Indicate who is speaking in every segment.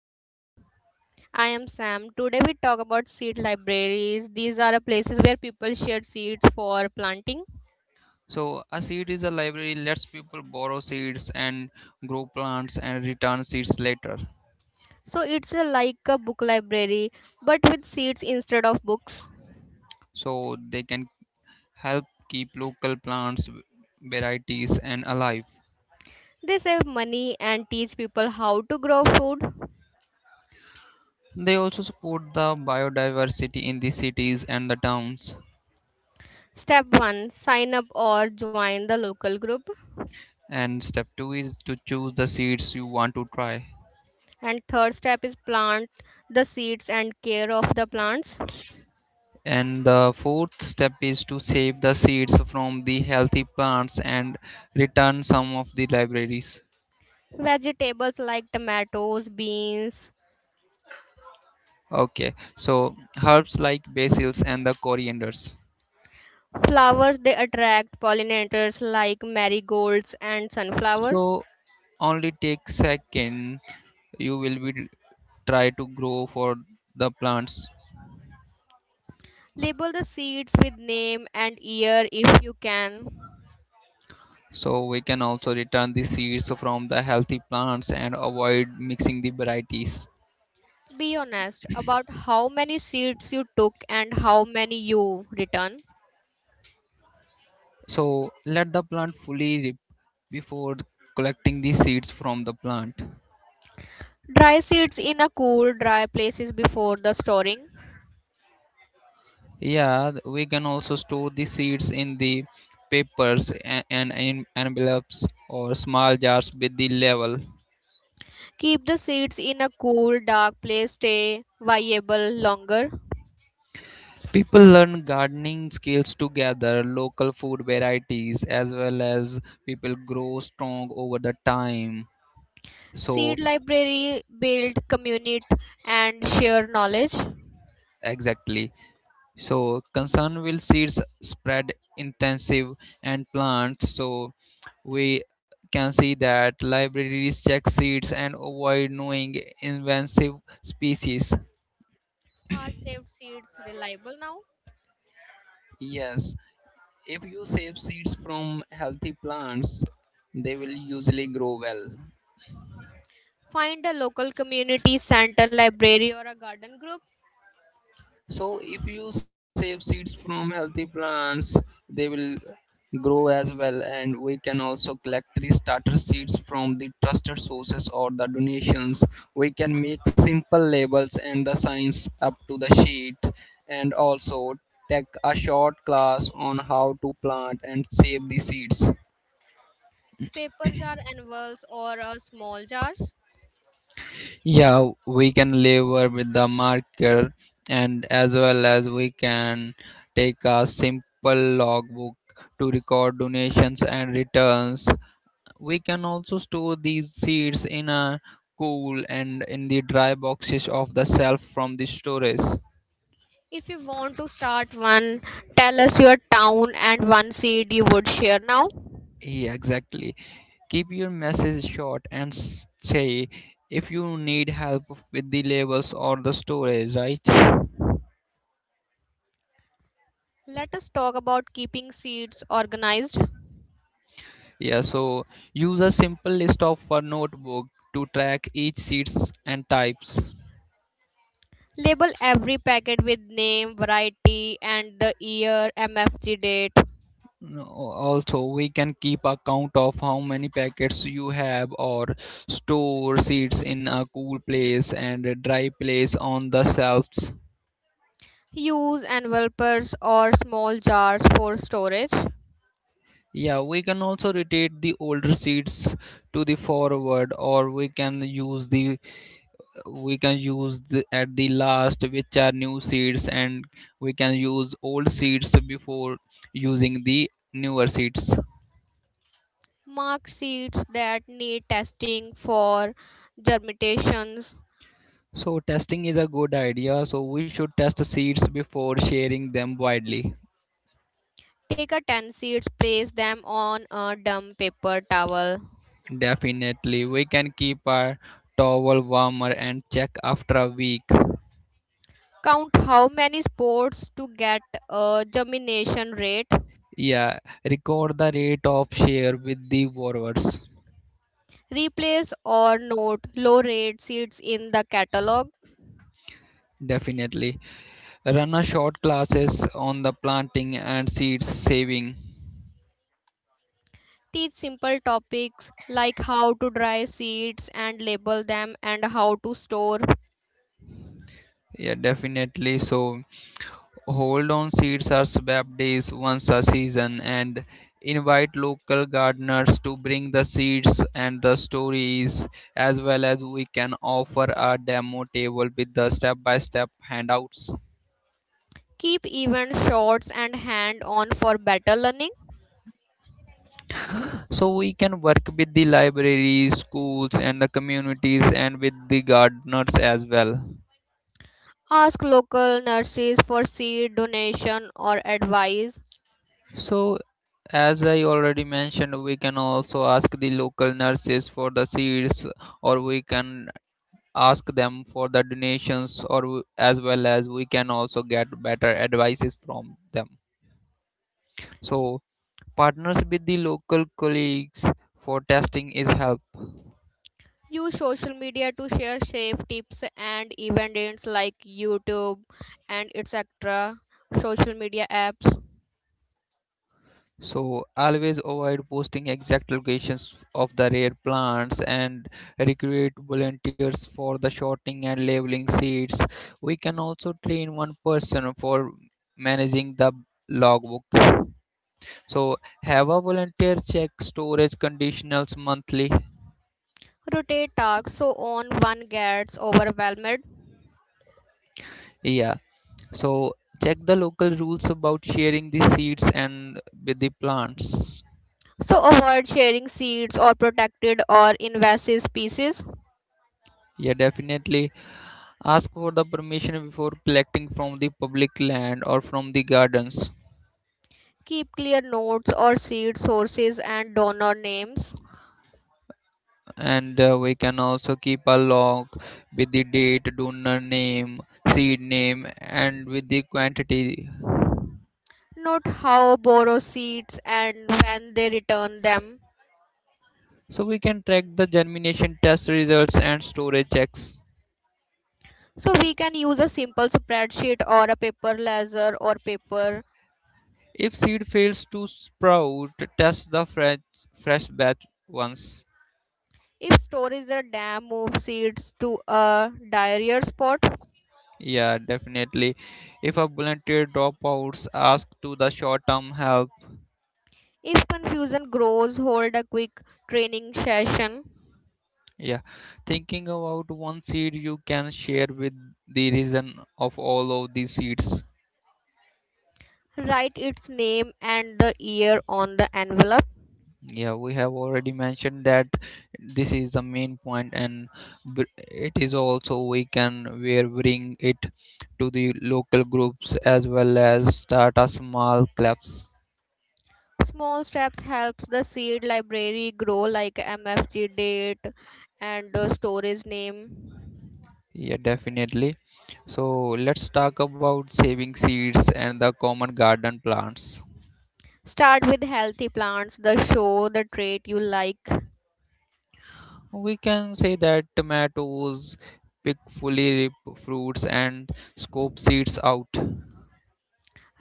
Speaker 1: am just
Speaker 2: I am Sam. Today we talk about seed libraries. These are a places where people share seeds for planting.
Speaker 1: So a seed is a library lets people borrow seeds and grow plants and return seeds later.
Speaker 2: So it's a, like a book library but with seeds instead of books.
Speaker 1: So they can help keep local plants varieties and alive.
Speaker 2: They save money and teach people how to grow food.
Speaker 1: They also support the biodiversity in the cities and the towns.
Speaker 2: Step 1 sign up or join the local group.
Speaker 1: And step 2 is to choose the seeds you want to try.
Speaker 2: And third step is plant the seeds and care of the plants.
Speaker 1: And the fourth step is to save the seeds from the healthy plants and return some of the libraries.
Speaker 2: Vegetables like tomatoes, beans,
Speaker 1: Okay, so herbs like basils and the corianders.
Speaker 2: flowers they attract pollinators like marigolds and sunflower.
Speaker 1: So only take second you will be try to grow for the plants.
Speaker 2: Label the seeds with name and year if you can.
Speaker 1: So we can also return the seeds from the healthy plants and avoid mixing the varieties.
Speaker 2: Be honest about how many seeds you took and how many you return.
Speaker 1: So let the plant fully rip before collecting the seeds from the plant.
Speaker 2: Dry seeds in a cool, dry places before the storing.
Speaker 1: Yeah, we can also store the seeds in the papers and in envelopes or small jars with the level.
Speaker 2: Keep the seeds in a cool, dark place, stay viable longer.
Speaker 1: People learn gardening skills to gather local food varieties as well as people grow strong over the time. So
Speaker 2: Seed library, build, community, and share knowledge.
Speaker 1: exactly. So concern will seeds spread intensive and plants. So we can see that libraries check seeds and avoid knowing invasive species.
Speaker 2: Are saved seeds reliable now?
Speaker 1: Yes, if you save seeds from healthy plants, they will usually grow well.
Speaker 2: Find a local community center, library, or a garden group
Speaker 1: So, if you save seeds from healthy plants, they will grow as well, and we can also collect the starter seeds from the trusted sources or the donations. We can make simple labels and the signs up to the sheet, and also take a short class on how to plant and save the seeds.
Speaker 2: paper jar annuals or small jars.
Speaker 1: Yeah, we can labor with the marker and as well as we can take a simple logbook to record donations and returns. We can also store these seeds in a cool and in the dry boxes of the shelf from the storage.
Speaker 2: If you want to start one, tell us your town and one seed you would share now.
Speaker 1: Yeah, exactly. Keep your message short and say if you need help with the labels or the storage, right?
Speaker 2: Let us talk about keeping seeds organized.
Speaker 1: Yeah, so use a simple list of a notebook to track each seeds and types.
Speaker 2: Label every packet with name, variety, and the year MFG date.
Speaker 1: No, also, we can keep account of how many packets you have or store seeds in a cool place and a dry place on the shelves.
Speaker 2: Use envelopes or small jars for storage.
Speaker 1: Yeah, we can also rotate the older seeds to the forward or we can use the, at the last which are new seeds and we can use old seeds before using the newer seeds.
Speaker 2: Mark seeds that need testing for germinations.
Speaker 1: So testing is a good idea, so we should test seeds before sharing them widely.
Speaker 2: Take a 10 seeds, place them on a damp paper towel.
Speaker 1: Definitely we can keep our towel warmer and check after a week.
Speaker 2: Count how many spores to get a germination rate.
Speaker 1: Yeah, record the rate of share with the borrowers.
Speaker 2: Replace or note low rate seeds in the catalog.
Speaker 1: Definitely run a short classes on the planting and seeds saving.
Speaker 2: Teach simple topics like how to dry seeds and label them and how to store.
Speaker 1: Yeah, definitely. So, hold on seeds are swapped days once a season and invite local gardeners to bring the seeds and the stories as well as we can offer a demo table with the step by step handouts.
Speaker 2: Keep even shots and hand on for better learning.
Speaker 1: So, we can work with the libraries, schools, and the communities and with the gardeners as well.
Speaker 2: Ask local nurses for seed donation or advice.
Speaker 1: So, as I already mentioned, we can also ask the local nurses for the seeds or we can ask them for the donations or as well as we can also get better advices from them. So partners with the local colleagues for testing is help.
Speaker 2: Use social media to share safe tips and events like YouTube and etc. Social media apps.
Speaker 1: So always avoid posting exact locations of the rare plants and recruit volunteers for the sorting and labeling seeds. We can also train one person for managing the logbook. So have a volunteer check storage conditionals monthly.
Speaker 2: Rotate tasks so on one gets overwhelmed.
Speaker 1: Yeah, so check the local rules about sharing the seeds and with the plants.
Speaker 2: So avoid sharing seeds or protected or invasive species.
Speaker 1: Yeah, definitely ask for the permission before collecting from the public land or from the gardens.
Speaker 2: Keep clear notes or seed sources and donor names.
Speaker 1: And we can also keep a log with the date, donor name, seed name, and with the quantity.
Speaker 2: Note how borrow seeds and when they return them.
Speaker 1: So we can track the germination test results and storage checks.
Speaker 2: So we can use a simple spreadsheet or a paper ledger or paper.
Speaker 1: If seed fails to sprout, test the fresh batch once.
Speaker 2: If storage a dam moves seeds to a drier spot,
Speaker 1: Yeah, definitely. If a volunteer dropouts ask to the short-term help,
Speaker 2: if confusion grows, hold a quick training session.
Speaker 1: yeah, thinking about one seed you can share with the reason of all of these seeds.
Speaker 2: Write its name and the year on the envelope.
Speaker 1: Yeah, we have already mentioned that this is the main point, and it is also we are bring it to the local groups as well as start a small clubs.
Speaker 2: Small steps helps the seed library grow like MFG date and the storage name.
Speaker 1: Yeah, definitely. So let's talk about saving seeds and the common garden plants.
Speaker 2: Start with healthy plants that show the trait you like.
Speaker 1: We can say that tomatoes, pick fully ripe fruits and scoop seeds out.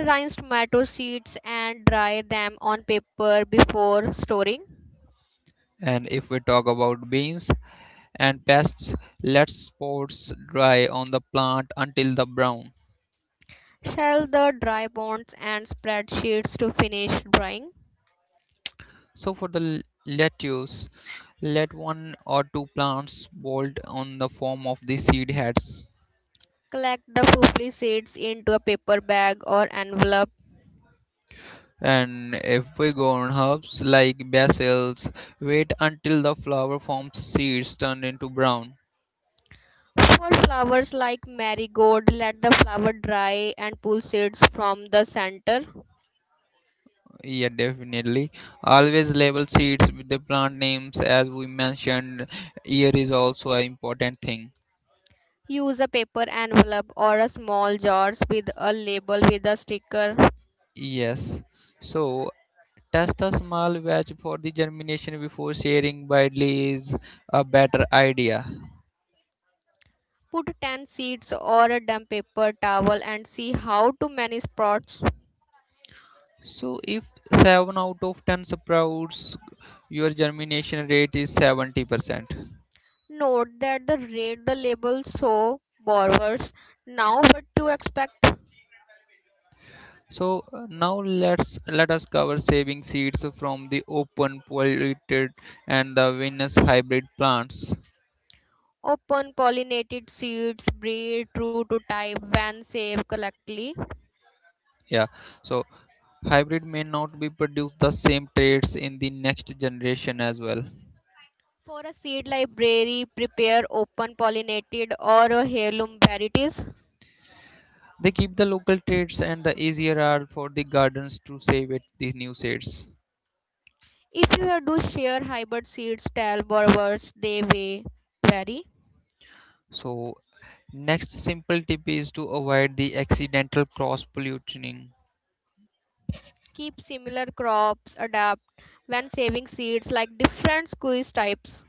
Speaker 2: Rinse tomato seeds and dry them on paper before storing.
Speaker 1: And if we talk about beans and pests, let spores dry on the plant until the brown.
Speaker 2: Shell the dry bonds and spread sheets to finish drying.
Speaker 1: So for the lettuce, let one or two plants bolt on the form of the seed heads.
Speaker 2: Collect the poopy seeds into a paper bag or envelope.
Speaker 1: And if we go on herbs like basils, wait until the flower forms seeds turned into brown.
Speaker 2: For flowers like marigold, let the flower dry and pull seeds from the center.
Speaker 1: Yeah, definitely. Always label seeds with the plant names as we mentioned. Here is also an important thing.
Speaker 2: Use a paper envelope or a small jars with a label with a sticker.
Speaker 1: Yes. So test a small batch for the germination before sharing widely is a better idea.
Speaker 2: Put 10 seeds or a damp paper towel and see how to many sprouts.
Speaker 1: So if 7 out of 10 sprouts, your germination rate is 70%.
Speaker 2: Note that the read the label so borrowers now what to expect.
Speaker 1: So now let us cover saving seeds from the open polluted and the Venus hybrid plants.
Speaker 2: Open pollinated seeds breed true to type when saved correctly.
Speaker 1: Yeah, so hybrid may not be produce the same traits in the next generation as well.
Speaker 2: For a seed library, prepare open pollinated or heirloom varieties.
Speaker 1: They keep the local traits and the easier are for the gardens to save it these new seeds.
Speaker 2: If you have to share hybrid seeds, tell borrowers they may vary.
Speaker 1: So next simple tip is to avoid the accidental cross pollution.
Speaker 2: Keep similar crops, adapt when saving seeds like different squeeze types.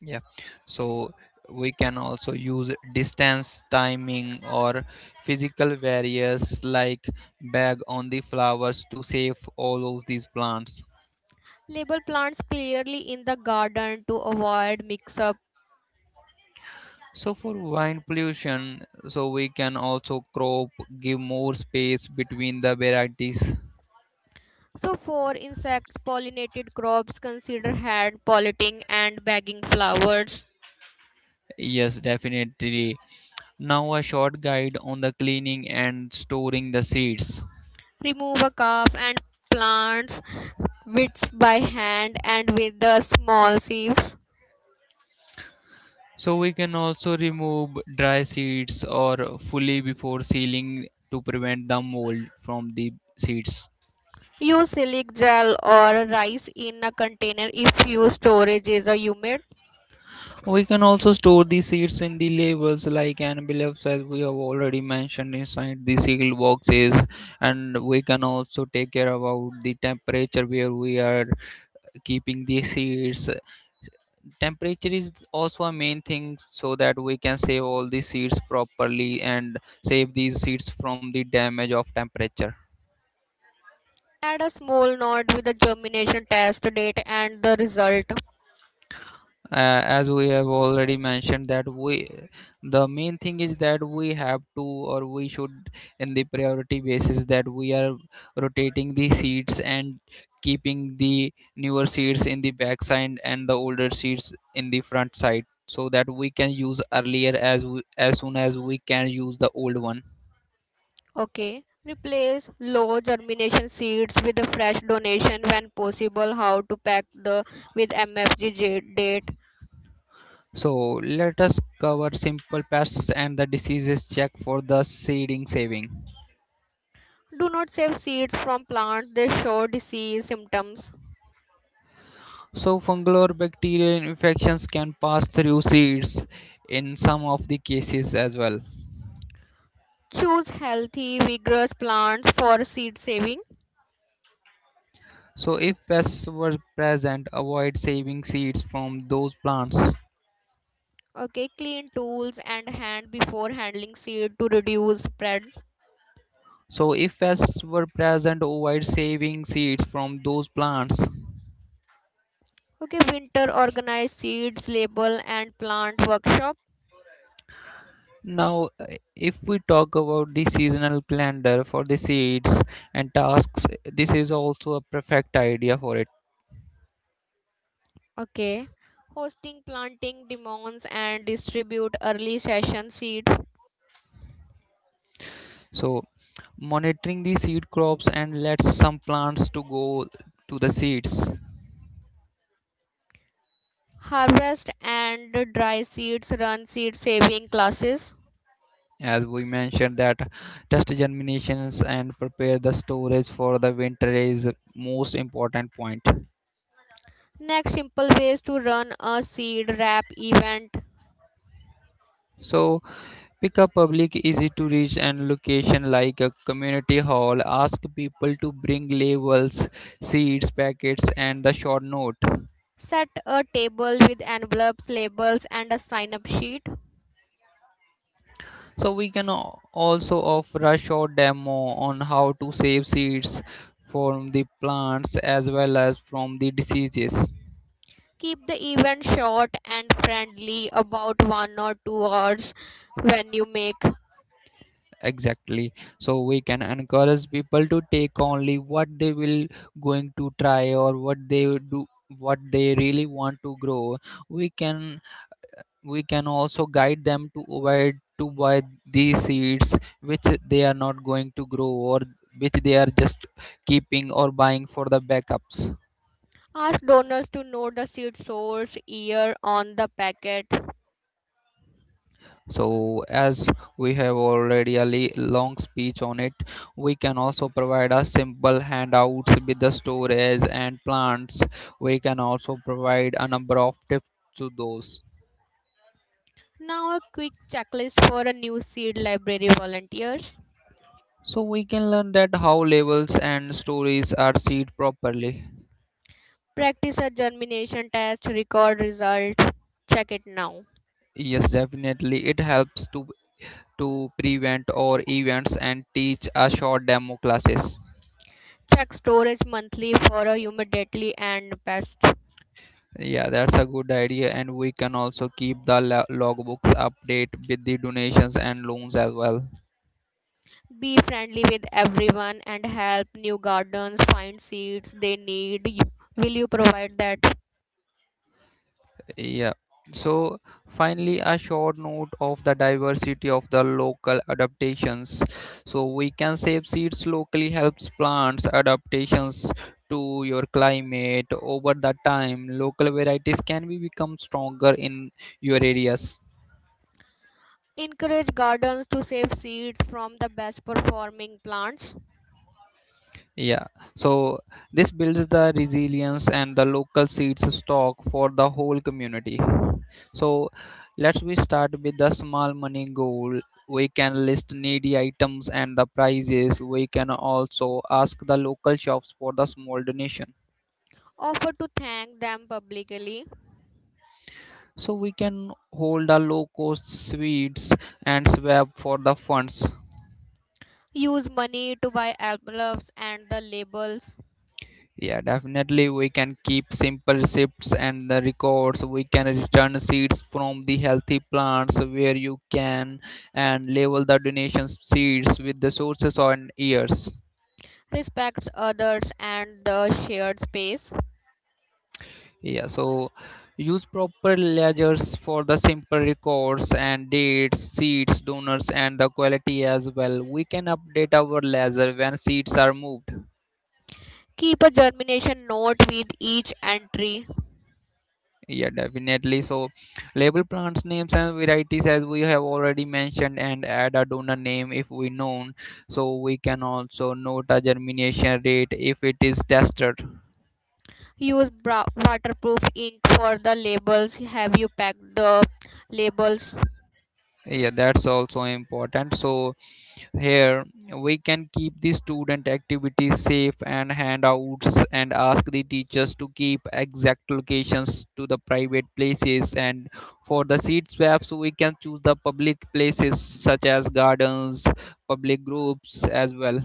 Speaker 1: Yeah, so we can also use distance timing or physical barriers like bag on the flowers to save all of these plants.
Speaker 2: Label plants clearly in the garden to avoid mix up.
Speaker 1: So for wine pollution, so we can also crop give more space between the varieties.
Speaker 2: So, for insects, pollinated crops consider hand pollinating and bagging flowers.
Speaker 1: Yes definitely. Now a short guide on the cleaning and storing the seeds.
Speaker 2: Remove a cup and plants whips by hand and with the small sieves.
Speaker 1: So we can also remove dry seeds or fully before sealing to prevent the mold from the seeds.
Speaker 2: Use silic gel or rice in a container if your storage is a humid.
Speaker 1: We can also store the seeds in the labels like envelopes as we have already mentioned inside the sealed boxes and we can also take care about the temperature where we are keeping the seeds. Temperature is also a main thing so that we can save all the seeds properly and save these seeds from the damage of temperature.
Speaker 2: Add a small note with the germination test date and the result.
Speaker 1: As we have already mentioned that we the main thing is that we have to or we should in the priority basis that we are rotating the seats and keeping the newer seats in the back side and the older seats in the front side so that we can use earlier as soon as we can use the old one.
Speaker 2: Okay. Replace low germination seeds with a fresh donation when possible. How to pack the with MFG date.
Speaker 1: So let us cover simple pests and the diseases check for the seeding saving.
Speaker 2: Do not save seeds from plants, they show disease symptoms.
Speaker 1: So, fungal or bacterial infections can pass through seeds in some of the cases as well.
Speaker 2: Choose healthy, vigorous plants for seed saving.
Speaker 1: So, if pests were present, avoid saving seeds from those plants.
Speaker 2: Okay, clean tools and hand before handling seed to reduce spread.
Speaker 1: So, if pests were present, avoid saving seeds from those plants.
Speaker 2: Okay, winter organize seeds, label, and plant workshop.
Speaker 1: Now, if we talk about the seasonal calendar for the seeds and tasks, this is also a perfect idea for it.
Speaker 2: Okay, hosting planting demos and distribute early session seeds.
Speaker 1: So, monitoring the seed crops and let some plants to go to the seeds.
Speaker 2: Harvest and dry seeds, run seed saving classes.
Speaker 1: As we mentioned that test germinations and prepare the storage for the winter is most important point.
Speaker 2: Next, simple ways to run a seed wrap event.
Speaker 1: So pick a public easy to reach and location like a community hall, ask people to bring labels, seeds packets and the short note.
Speaker 2: Set a table with envelopes, labels, and a sign up sheet.
Speaker 1: So we can also offer a short demo on how to save seeds from the plants as well as from the diseases.
Speaker 2: Keep the event short and friendly, about 1 or 2 hours when you make.
Speaker 1: Exactly, so we can encourage people to take only what they will going to try or what they would do what they really want to grow. we can we can also guide them to avoid to buy these seeds which they are not going to grow or which they are just keeping or buying for the backups.
Speaker 2: Ask donors to note the seed source year on the packet.
Speaker 1: So, as we have already long speech on it, we can also provide a simple handouts with the storage and plants. We can also provide a number of tips to those.
Speaker 2: Now, a quick checklist for a new seed library volunteers.
Speaker 1: So, we can learn that how labels and stories are seed properly.
Speaker 2: Practice a germination test, record result. Check it now.
Speaker 1: Yes, definitely, it helps to prevent or events and teach a short demo classes.
Speaker 2: Check storage monthly for a humidity and pest.
Speaker 1: Yeah, that's a good idea, and we can also keep the logbooks update with the donations and loans as well.
Speaker 2: Be friendly with everyone and help new gardens find seeds they need. You- Will you provide that?
Speaker 1: Yeah. So finally, a short note of the diversity of the local adaptations. So we can save seeds locally helps plants adaptations to your climate over the time. Local varieties can be become stronger in your areas.
Speaker 2: Encourage gardens to save seeds from the best performing plants.
Speaker 1: Yeah, so this builds the resilience and the local seeds stock for the whole community. So let's we start with the small money goal. We can list needy items and the prices. We can also ask the local shops for the small donation.
Speaker 2: Offer to thank them publicly.
Speaker 1: So we can hold a low cost sweets and swap for the funds.
Speaker 2: Use money to buy envelopes and the labels.
Speaker 1: Yeah, definitely we can keep simple receipts and the records. We can return seeds from the healthy plants where you can and label the donation seeds with the sources on years.
Speaker 2: Respect others and the shared space.
Speaker 1: Yeah, so use proper ledgers for the simple records and dates, seeds, donors and the quality as well. We can update our ledger when seeds are moved.
Speaker 2: Keep a germination note with each entry.
Speaker 1: Yeah, definitely. So, label plants names and varieties as we have already mentioned, and add a donor name if we known. So we can also note a germination rate if it is tested.
Speaker 2: Use bra- waterproof ink for the labels. Have you packed the labels?
Speaker 1: Yeah, that's also important. So here, we can keep the student activities safe and handouts and ask the teachers to keep exact locations to the private places. And for the seed swaps, we can choose the public places such as gardens, public groups as well.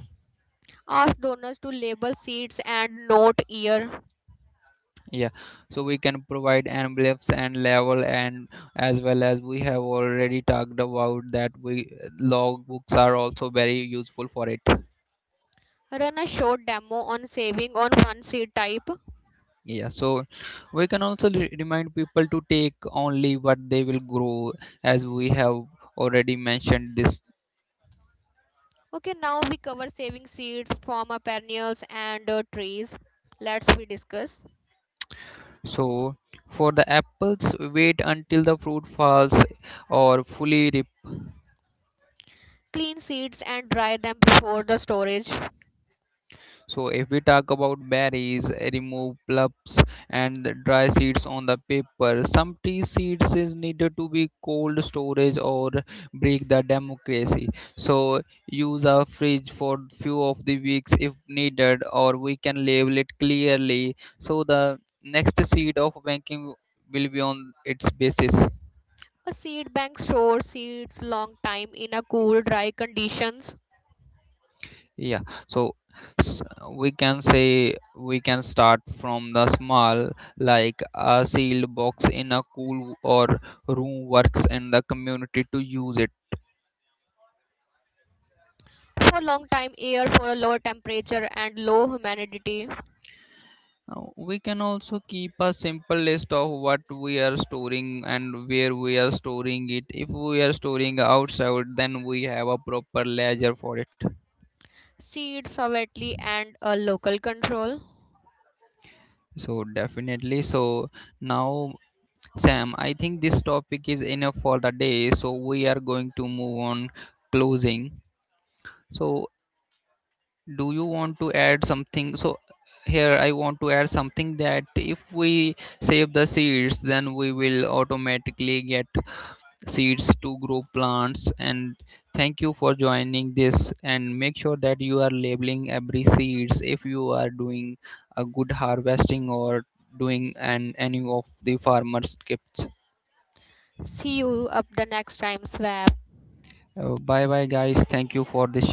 Speaker 2: Ask donors to label seeds and note year.
Speaker 1: Yeah, so we can provide envelopes and level, and as well as we have already talked about that we log books are also very useful for it.
Speaker 2: Run a short demo on saving on one seed type.
Speaker 1: Yeah, so we can also remind people to take only what they will grow, as we have already mentioned this.
Speaker 2: Okay, now we cover saving seeds from our perennials and trees. Let's we discuss.
Speaker 1: So, for the apples, wait until the fruit falls or fully ripe.
Speaker 2: Clean seeds and dry them before the storage.
Speaker 1: So if we talk about berries, remove plucks and dry seeds on the paper. Some tea seeds is needed to be cold storage or break the democracy. So use a fridge for few of the weeks if needed, or we can label it clearly. So the next seed of banking will be on its basis.
Speaker 2: A seed bank stores seeds long time in a cool, dry conditions.
Speaker 1: Yeah, so s- we can say we can start from the small like a sealed box in a cool or room works in the community to use it.
Speaker 2: For long time air for a lower temperature and low humidity.
Speaker 1: Uh, we can also keep a simple list of what we are storing and where we are storing it. If we are storing outside then we have a proper ledger for it.
Speaker 2: Seeds sovereignty and a local control.
Speaker 1: So definitely. So now Sam, I think this topic is enough for the day, so we are going to move on closing. So, do you want to add something? So, here I want to add something that if we save the seeds, then we will automatically get seeds to grow plants. And thank you for joining this. And make sure that you are labeling every seeds if you are doing a good harvesting or doing an any of the farmers' tips.
Speaker 2: See you up the next time, Swag.
Speaker 1: Bye bye, guys. Thank you for this